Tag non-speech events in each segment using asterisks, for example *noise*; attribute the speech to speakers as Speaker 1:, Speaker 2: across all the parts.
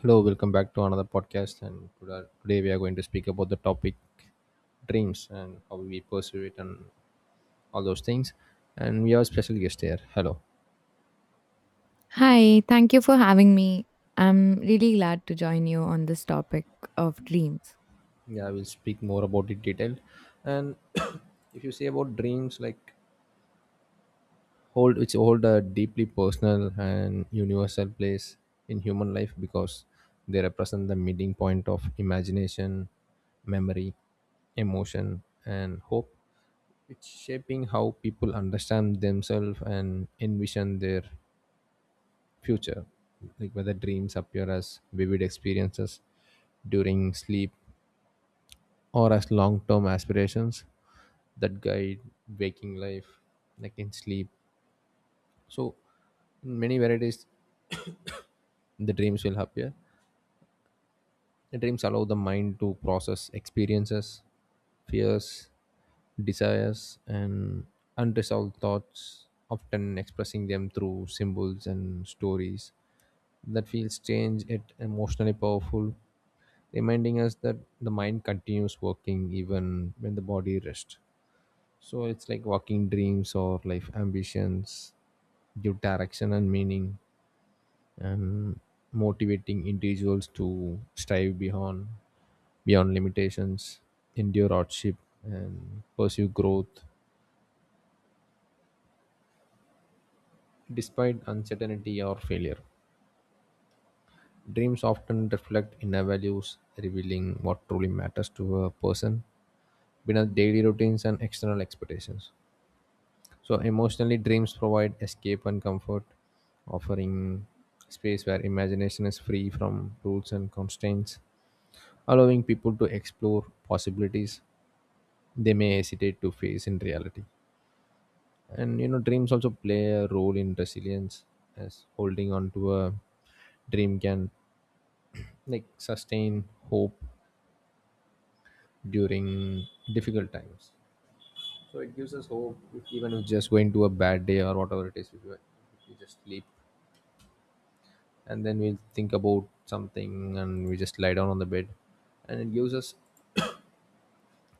Speaker 1: Hello, welcome back to another podcast. And today we are going to speak about the topic dreams and how we pursue it and all those things. And we have a special guest here. Hello.
Speaker 2: Hi, thank you for having me. I'm really glad to join you on this topic of dreams.
Speaker 1: Yeah, we'll speak more about it detailed. And *coughs* *clears throat* if you say about dreams, like hold it's hold a deeply personal and universal place in human life because they represent the meeting point of imagination, memory, emotion, and hope. It's shaping how people understand themselves and envision their future, like whether dreams appear as vivid experiences during sleep or as long term aspirations that guide waking life, like in sleep. So, in many varieties, *coughs* the dreams will appear. Dreams allow the mind to process experiences, fears, desires, and unresolved thoughts, often expressing them through symbols and stories that feel strange yet emotionally powerful, reminding us that the mind continues working even when the body rests. So it's like walking dreams or life ambitions, give direction and meaning and motivating individuals to strive beyond limitations, endure hardship, and pursue growth despite uncertainty or failure. Dreams often reflect inner values, revealing what truly matters to a person, beyond daily routines and external expectations. So, emotionally, dreams provide escape and comfort, offering space where imagination is free from rules and constraints, allowing people to explore possibilities they may hesitate to face in reality. And you know, dreams also play a role in resilience, as holding on to a dream can like sustain hope during difficult times. So it gives us hope, if, even if just going to a bad day or whatever it is, if we just sleep and then we'll think about something and we just lie down on the bed and it gives us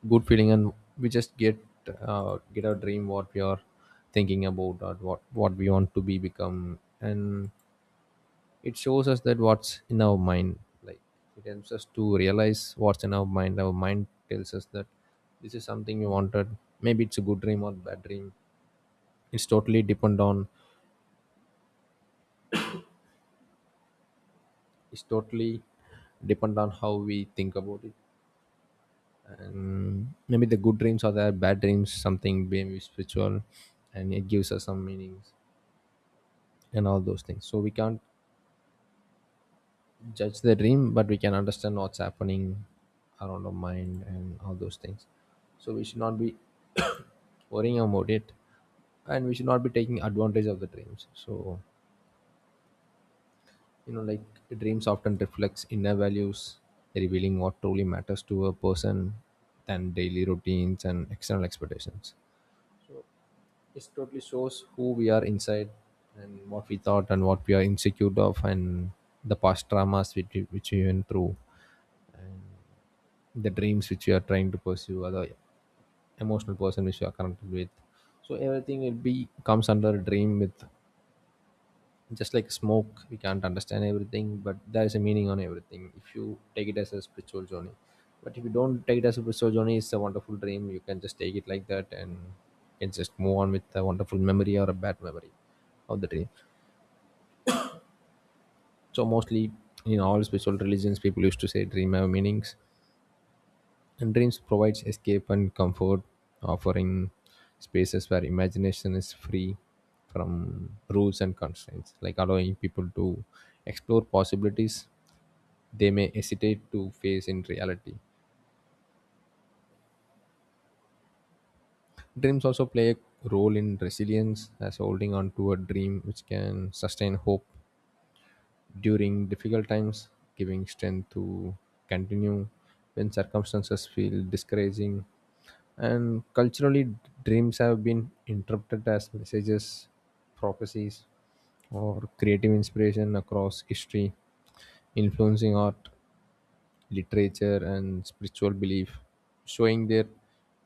Speaker 1: good feeling and we just get our dream what we are thinking about or what we want to be become, and it shows us that what's in our mind, like it helps us to realize what's in our mind. Our mind tells us that this is something we wanted, maybe it's a good dream or bad dream. it's totally depend on it's totally depend on how we think about it, and maybe the good dreams are there, bad dreams something maybe spiritual, and it gives us some meanings and all those things. So we can't judge the dream, but we can understand what's happening around our mind and all those things. So we should not be *coughs* worrying about it, and we should not be taking advantage of the dreams. So you know, like dreams often reflects inner values, revealing what truly matters to a person than daily routines and external expectations. It totally shows who we are inside and what we thought and what we are insecure of, and the past traumas which we went through, the dreams which we are trying to pursue, or the emotional person which we are connected with. So everything will be comes under a dream with, just like smoke, we can't understand everything, but there is a meaning on everything if you take it as a spiritual journey. But if you don't take it as a spiritual journey, it's a wonderful dream, you can just take it like that, and you can just move on with a wonderful memory or a bad memory of the dream. So mostly in all spiritual religions, people used to say dream have meanings, and dreams provides escape and comfort, offering spaces where imagination is free from rules and constraints, like allowing people to explore possibilities they may hesitate to face in reality. Dreams also play a role in resilience, as holding on to a dream which can sustain hope during difficult times, giving strength to continue when circumstances feel discouraging. And culturally, dreams have been interpreted as messages, prophecies, or creative inspiration across history, influencing art, literature, and spiritual belief, showing their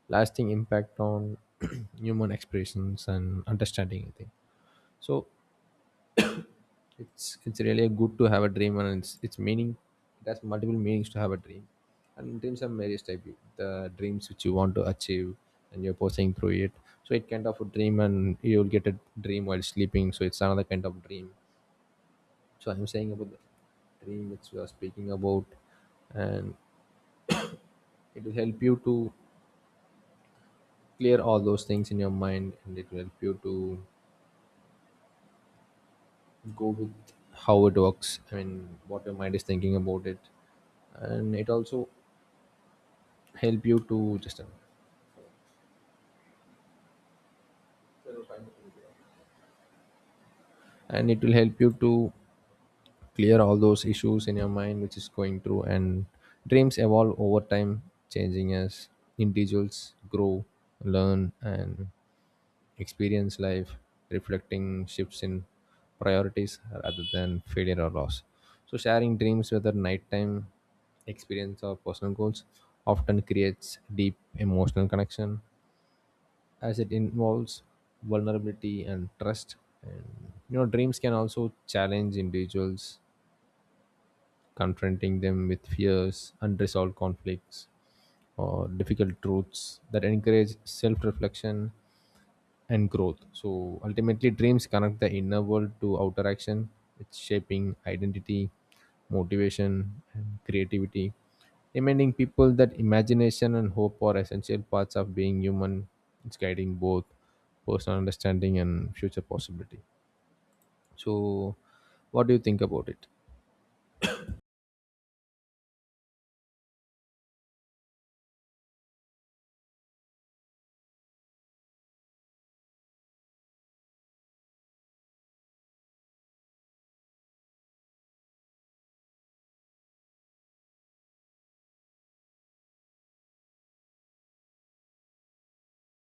Speaker 1: lasting impact on *clears throat* human expressions and understanding. I think so, it's really good to have a dream, and it's meaning, it has multiple meanings to have a dream. And dreams are various type, the dreams which you want to achieve and you're pursuing through it, so it kind of a dream, and you'll get a dream while sleeping, so it's another kind of dream. So I'm saying about the dream which we are speaking about, and it will help you to clear all those things in your mind, and it will help you to go with how it works. I mean, what your mind is thinking about it. And it also help you to just and it will help you to clear all those issues in your mind which is going through. And dreams evolve over time, changing as individuals grow, learn and experience life, reflecting shifts in priorities rather than failure or loss. So sharing dreams, whether nighttime experience or personal goals, often creates deep emotional connection, as it involves vulnerability and trust. And you know, dreams can also challenge individuals, confronting them with fears, unresolved conflicts, or difficult truths that encourage self-reflection and growth. So ultimately dreams connect the inner world to outer action, it's shaping identity, motivation and creativity, reminding people that imagination and hope are essential parts of being human. It's guiding both personal understanding and future possibility. So, what do you think about it?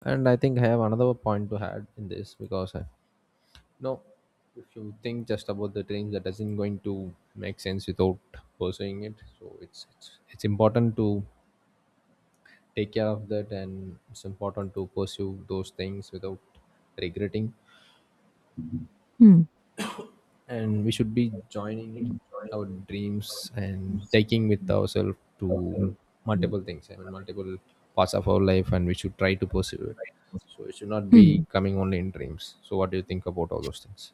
Speaker 1: And I think I have another point to add in this because I, no, if you think just about the dreams, that doesn't going to make sense without pursuing it. So it's important to take care of that, and it's important to pursue those things without regretting.
Speaker 2: Hmm.
Speaker 1: And we should be joining our dreams and taking with ourselves to multiple things. I mean multiple parts of our life, and we should try to pursue it. So it should not be
Speaker 2: Hmm.
Speaker 1: coming only in dreams. So what do you think about all those things?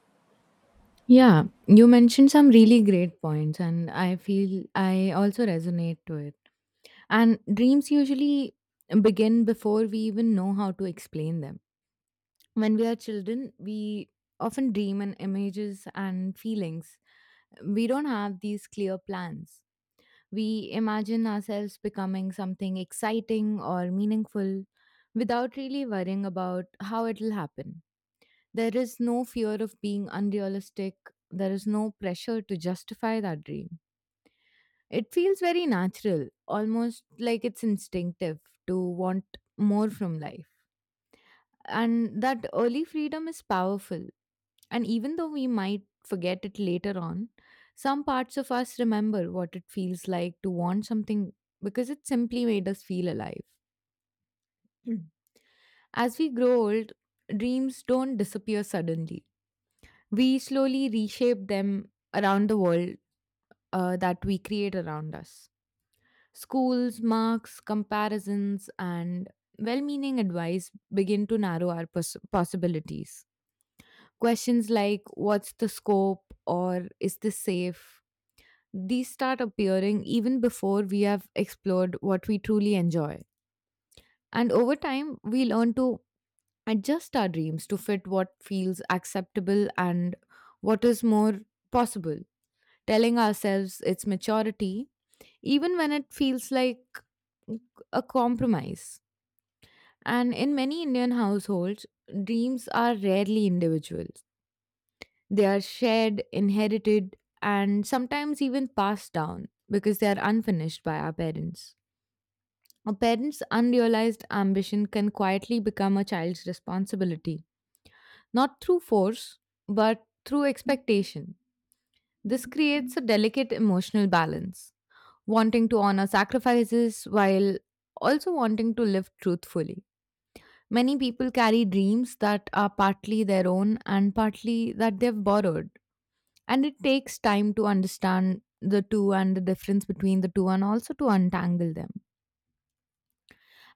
Speaker 2: Yeah, you mentioned some really great points, and I feel I also resonate to it. And dreams usually begin before we even know how to explain them. When we are children, we often dream in images and feelings. We don't have these clear plans. We imagine ourselves becoming something exciting or meaningful without really worrying about how it'll happen. There is no fear of being unrealistic, there is no pressure to justify that dream. It feels very natural, almost like it's instinctive to want more from life. And that early freedom is powerful. And even though we might forget it later on, some parts of us remember what it feels like to want something because it simply made us feel alive. Mm. As we grow old, dreams don't disappear suddenly. We slowly reshape them around the world that we create around us. Schools, marks, comparisons, and well meaning advice begin to narrow our possibilities. Questions like, what's the scope, or is this safe? These start appearing even before we have explored what we truly enjoy. And over time, we learn to adjust our dreams to fit what feels acceptable and what is more possible, telling ourselves it's maturity, even when it feels like a compromise. And in many Indian households, dreams are rarely individual. They are shared, inherited, and sometimes even passed down because they are unfinished by our parents. A parent's unrealized ambition can quietly become a child's responsibility, not through force, but through expectation. This creates a delicate emotional balance, wanting to honor sacrifices while also wanting to live truthfully. Many people carry dreams that are partly their own and partly that they've borrowed, and it takes time to understand the two and the difference between the two and also to untangle them.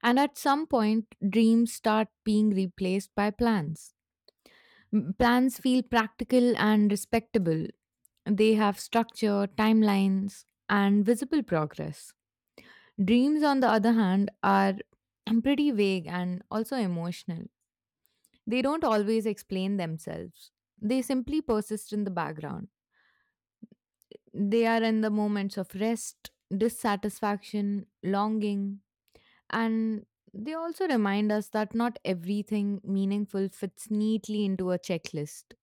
Speaker 2: And at some point, dreams start being replaced by plans. Plans feel practical and respectable. They have structure, timelines, and visible progress. Dreams, on the other hand, are *clears throat* pretty vague and also emotional. They don't always explain themselves. They simply persist in the background. They are in the moments of rest, dissatisfaction, longing, and they also remind us that not everything meaningful fits neatly into a checklist.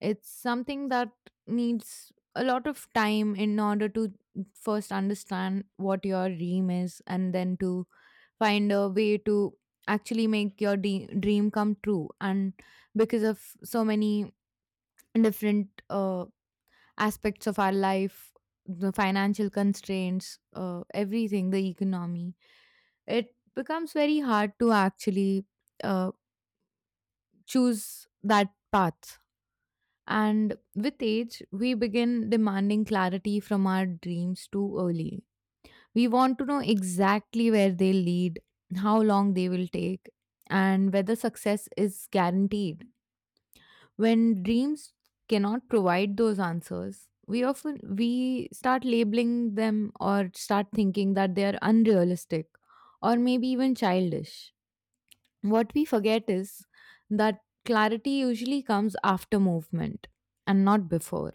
Speaker 2: It's something that needs a lot of time in order to first understand what your dream is and then to find a way to actually make your dream come true. And because of so many different aspects of our life, the financial constraints, everything, the economy. It becomes very hard to actually uh, choose that path. And with age, we begin demanding clarity from our dreams too early. We want to know exactly where they lead, how long they will take, and whether success is guaranteed. When dreams cannot provide those answers, we start labeling them or start thinking that they are unrealistic, or maybe even childish. What we forget is that clarity usually comes after movement and not before.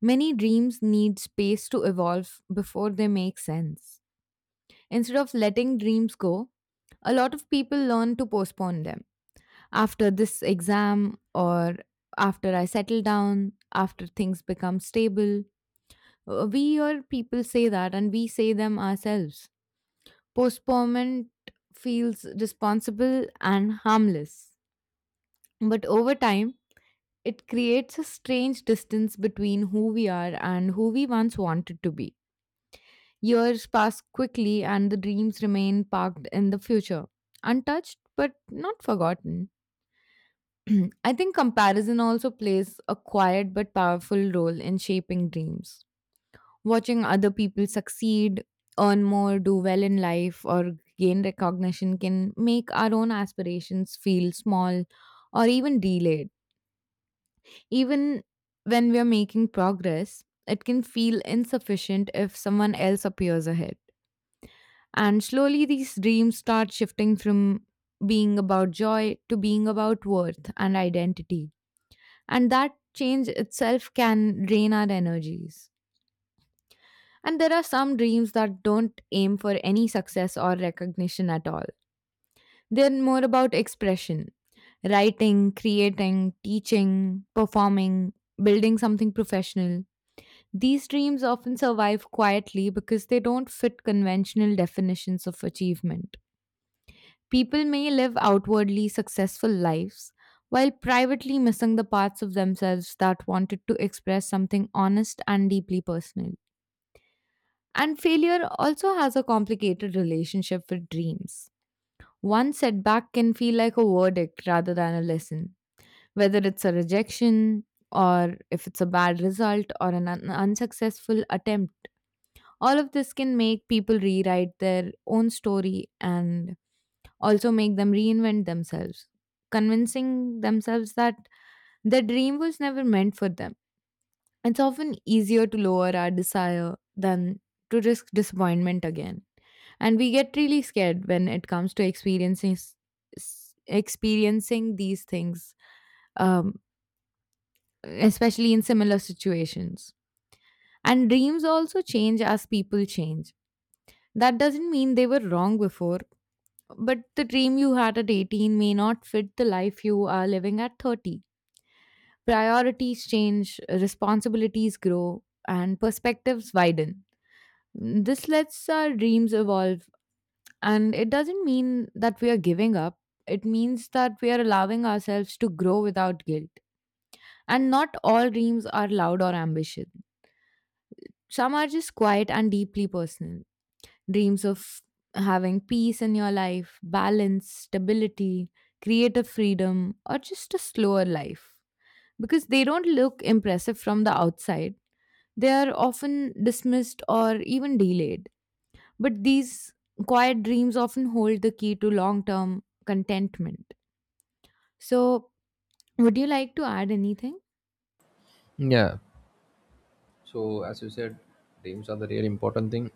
Speaker 2: Many dreams need space to evolve before they make sense. Instead of letting dreams go, a lot of people learn to postpone them. After this exam, or after I settle down, after things become stable. We hear people say that, and we say them ourselves. Postponement feels responsible and harmless. But over time, it creates a strange distance between who we are and who we once wanted to be. Years pass quickly, and the dreams remain parked in the future, untouched but not forgotten. *clears throat* I think comparison also plays a quiet but powerful role in shaping dreams. Watching other people succeed, earn more, do well in life, or gain recognition can make our own aspirations feel small or even delayed. Even when we are making progress, it can feel insufficient if someone else appears ahead. And slowly, these dreams start shifting from being about joy to being about worth and identity. And that change itself can drain our energies. And there are some dreams that don't aim for any success or recognition at all. They're more about expression, writing, creating, teaching, performing, building something professional. These dreams often survive quietly because they don't fit conventional definitions of achievement. People may live outwardly successful lives while privately missing the parts of themselves that wanted to express something honest and deeply personal. And failure also has a complicated relationship with dreams. One setback can feel like a verdict rather than a lesson, whether it's a rejection or if it's a bad result or an unsuccessful attempt. All of this can make people rewrite their own story and also make them reinvent themselves, convincing themselves that their dream was never meant for them. It's often easier to lower our desire than to risk disappointment again. And we get really scared when it comes to experiencing these things, um, especially in similar situations. And dreams also change as people change. That doesn't mean they were wrong before, but the dream you had at 18 may not fit the life you are living at 30. Priorities change, responsibilities grow, and perspectives widen. This lets our dreams evolve, and it doesn't mean that we are giving up. It means that we are allowing ourselves to grow without guilt. And not all dreams are loud or ambitious; some are just quiet and deeply personal. Dreams of having peace in your life, balance, stability, creative freedom, or just a slower life. Because they don't look impressive from the outside, they are often dismissed or even delayed. But these quiet dreams often hold the key to long term contentment. So, would you like to add anything?
Speaker 1: Yeah, so as you said, dreams are the really important thing,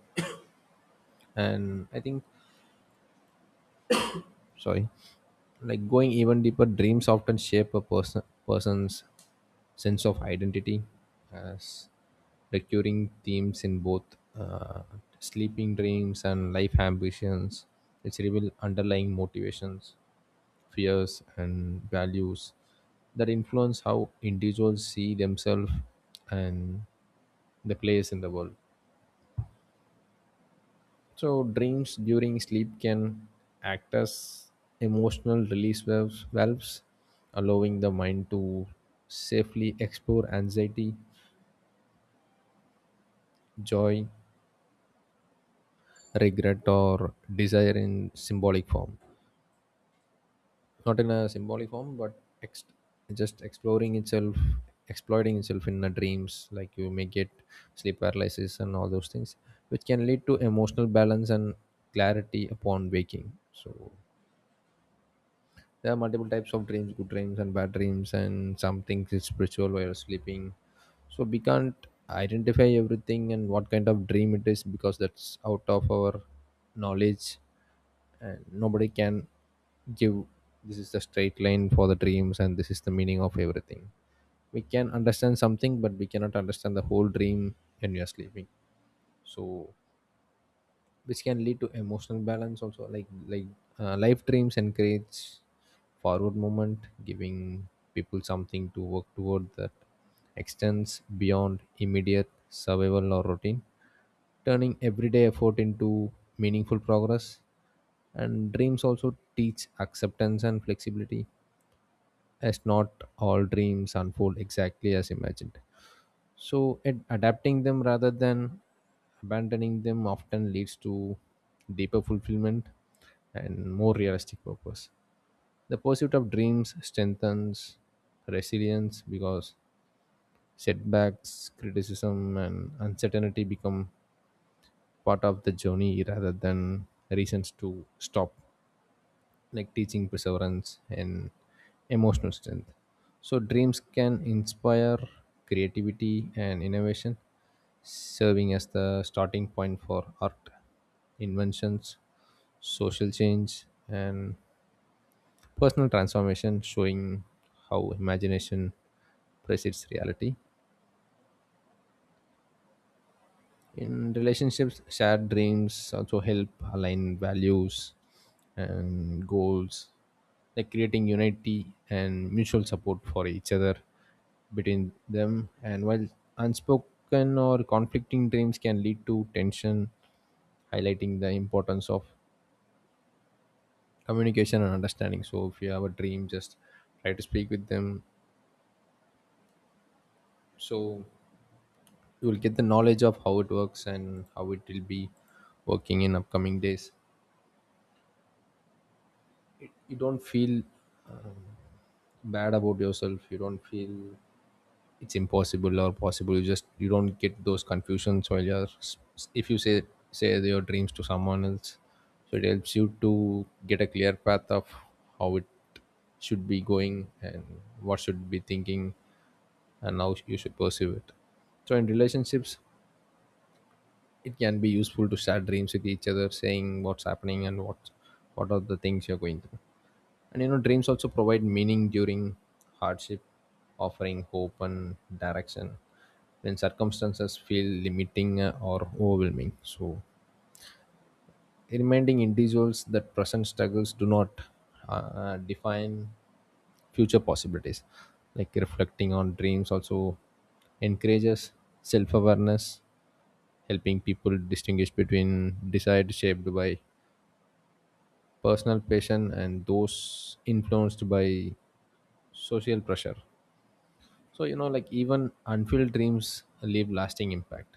Speaker 1: and I think, sorry, like going even deeper, dreams often shape a person's sense of identity, as recurring themes in both uh, sleeping dreams and life ambitions which reveal underlying motivations, fears and values that influence how individuals see themselves and the place in the world. So dreams during sleep can act as emotional release valves, allowing the mind to safely explore anxiety, joy, regret, or desire in symbolic form. Not in a symbolic form, but ex- just exploring itself, exploiting itself in the dreams, like you may get sleep paralysis and all those things, which can lead to emotional balance and clarity upon waking. So there are multiple types of dreams, good dreams and bad dreams, and some things is spiritual while you're sleeping. So we can't identify everything and what kind of dream it is because that's out of our knowledge, and nobody can give this is the straight line for the dreams and this is the meaning of everything. We can understand something but we cannot understand the whole dream when you are sleeping. So which can lead to emotional balance also, life dreams encourage forward movement, giving people something to work toward that extends beyond immediate survival or routine, turning everyday effort into meaningful progress. And dreams also teach acceptance and flexibility, as not all dreams unfold exactly as imagined. So, adapting them rather than abandoning them often leads to deeper fulfillment and more realistic purpose. The pursuit of dreams strengthens resilience because setbacks, criticism, and uncertainty become part of the journey rather than reasons to stop, like teaching perseverance and emotional strength. So, dreams can inspire creativity and innovation, serving as the starting point for art, inventions, social change, and personal transformation, showing how imagination precedes reality. In relationships, shared dreams also help align values and goals, like creating unity and mutual support for each other between them, and while unspoken or conflicting dreams can lead to tension, highlighting the importance of communication and understanding. So if you have a dream, just try to speak with them, so you will get the knowledge of how it works and how it will be working in upcoming days. You don't feel bad about yourself, you don't feel it's impossible or possible, you just, you don't get those confusions while you're if you say, say your dreams to someone else, so it helps you to get a clear path of how it should be going and what should be thinking and how you should pursue it. So in relationships, it can be useful to share dreams with each other, saying what's happening and what are the things you're going through. And you know, dreams also provide meaning during hardship, offering hope and direction when circumstances feel limiting or overwhelming. So, reminding individuals that present struggles do not define future possibilities. Like reflecting on dreams also encourages self awareness, helping people distinguish between desires shaped by personal passion and those influenced by social pressure. So, you know, like even unfulfilled dreams leave lasting impact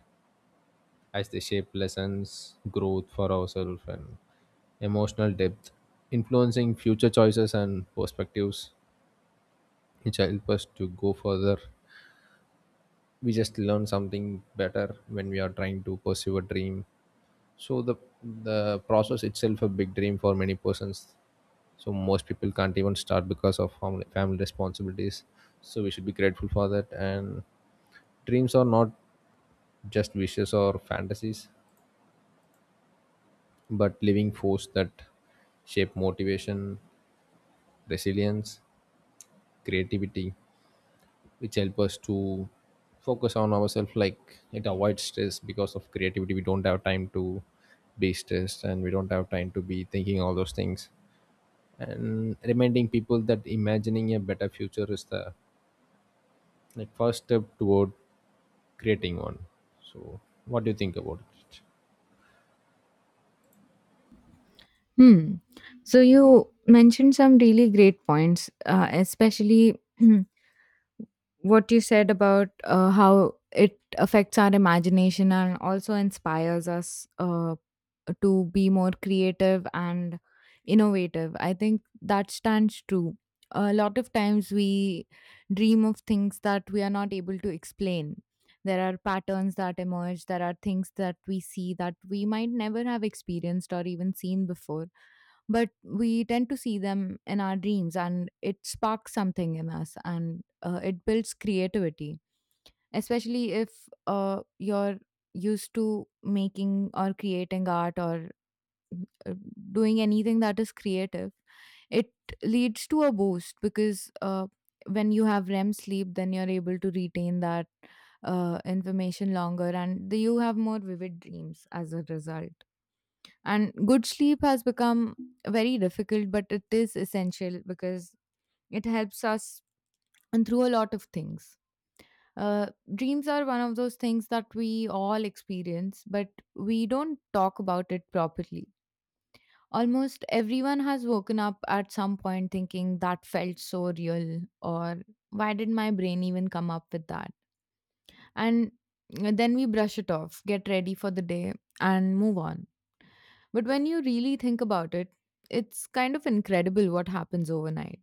Speaker 1: as they shape lessons, growth for ourselves, and emotional depth, influencing future choices and perspectives, which help us to go further. We just learn something better when we are trying to pursue a dream. So the process itself a big dream for many persons. So most people can't even start because of family responsibilities. So we should be grateful for that. And dreams are not just wishes or fantasies, but living force that shape motivation, resilience, creativity, which help us to focus on ourselves. Like it avoids stress because of creativity. We don't have time to be stressed and we don't have time to be thinking all those things. And reminding people that imagining a better future is the like first step toward creating one. So, what do you think about it?
Speaker 2: Hmm. So you mentioned some really great points, especially *clears throat* what you said about how it affects our imagination and also inspires us to be more creative and innovative. I think that stands true. A lot of times we dream of things that we are not able to explain. There are patterns that emerge, there are things that we see that we might never have experienced or even seen before, but we tend to see them in our dreams and it sparks something in us, and it builds creativity, especially if you're used to making or creating art or uh, doing anything that is creative. It leads to a boost because when you have REM sleep, then you're able to retain that information longer, and you have more vivid dreams as a result. And good sleep has become very difficult, but it is essential because it helps us and through a lot of things. Uh, Dreams are one of those things that we all experience, but we don't talk about it properly. Almost everyone has woken up at some point thinking, that felt so real, or why did my brain even come up with that? And then we brush it off, get ready for the day, and move on. But when you really think about it, it's kind of incredible what happens overnight.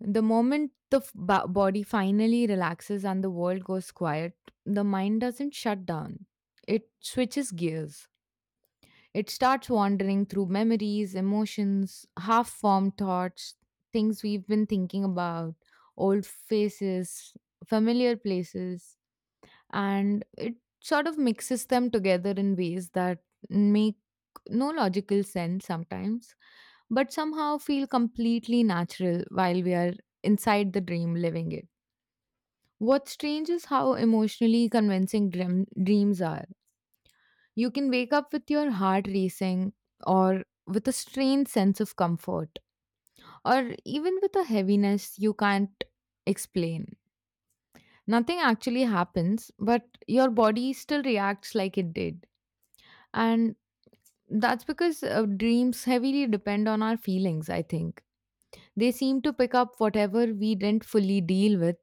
Speaker 2: The moment the body finally relaxes and the world goes quiet, the mind doesn't shut down, it switches gears. It starts wandering through memories, emotions, half formed thoughts, things we've been thinking about, old faces, familiar places, and it sort of mixes them together in ways that make no logical sense sometimes, but somehow feel completely natural while we are inside the dream living it. What's strange is how emotionally convincing dreams are. You can wake up with your heart racing, or with a strange sense of comfort, or even with a heaviness you can't explain. Nothing actually happens, but your body still reacts like it did. And that's because dreams heavily depend on our feelings, I think. They seem to pick up whatever we didn't fully deal with,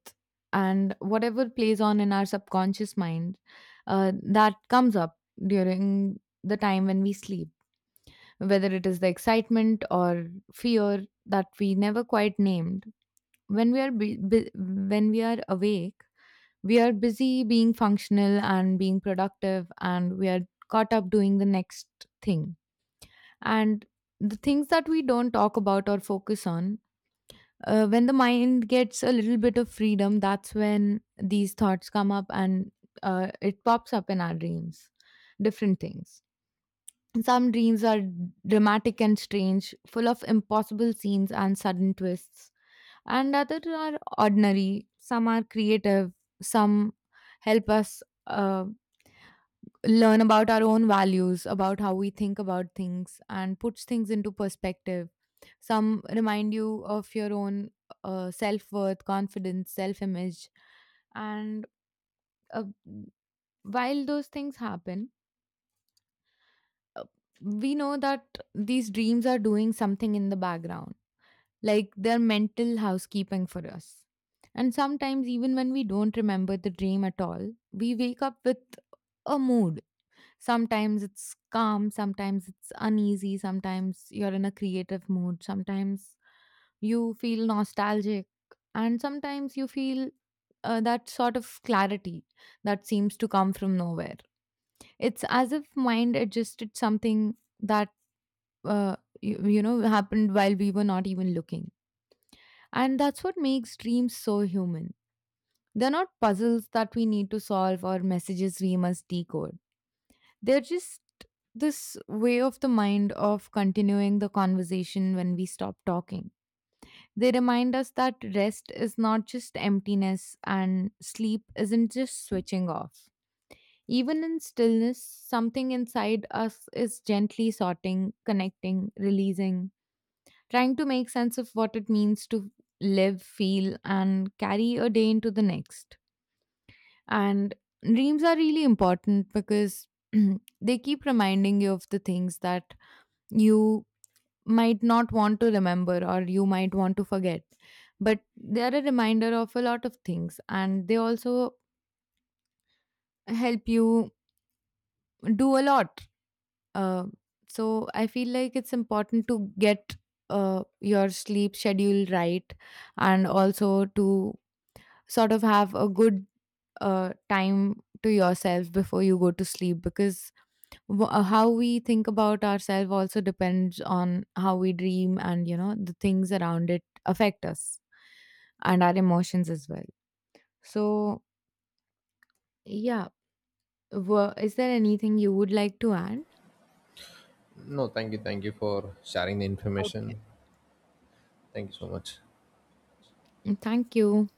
Speaker 2: and whatever plays on in our subconscious mind that comes up during the time when we sleep. Whether it is the excitement or fear that we never quite named, when we are when we are awake, we are busy being functional and being productive, and we are caught up doing the next thing. And the things that we don't talk about or focus on, when the mind gets a little bit of freedom, that's when these thoughts come up, and it pops up in our dreams, different things. Some dreams are dramatic and strange, full of impossible scenes and sudden twists, and others are ordinary. Some are creative, some help us uh, learn about our own values, about how we think about things, and puts things into perspective. Some remind you of your own self worth, confidence, self image, and uh, while those things happen, uh, we know that these dreams are doing something in the background, like they're mental housekeeping for us. And sometimes, even when we don't remember the dream at all, we wake up with a mood. Sometimes it's calm, sometimes it's uneasy, sometimes you're in a creative mood, sometimes you feel nostalgic, and sometimes you feel that sort of clarity that seems to come from nowhere. It's as if mind adjusted something that uh, you you know happened while we were not even looking. And that's what makes dreams so human. They're not puzzles that we need to solve or messages we must decode. They're just this way of the mind of continuing the conversation when we stop talking. They remind us that rest is not just emptiness and sleep isn't just switching off. Even in stillness, something inside us is gently sorting, connecting, releasing, trying to make sense of what it means to live, feel, and carry a day into the next. And dreams are really important because *clears throat* they keep reminding you of the things that you might not want to remember or you might want to forget. But they are a reminder of a lot of things, and they also help you do a lot. Uh, so I feel like it's important to get your sleep schedule right, and also to sort of have a good time to yourself before you go to sleep, because how we think about ourselves also depends on how we dream, and you know the things around it affect us and our emotions as well. So, yeah. Wha is there anything you would like to add?
Speaker 1: No, thank you for sharing the
Speaker 2: Okay,
Speaker 1: information. Thank you so much.
Speaker 2: thank you.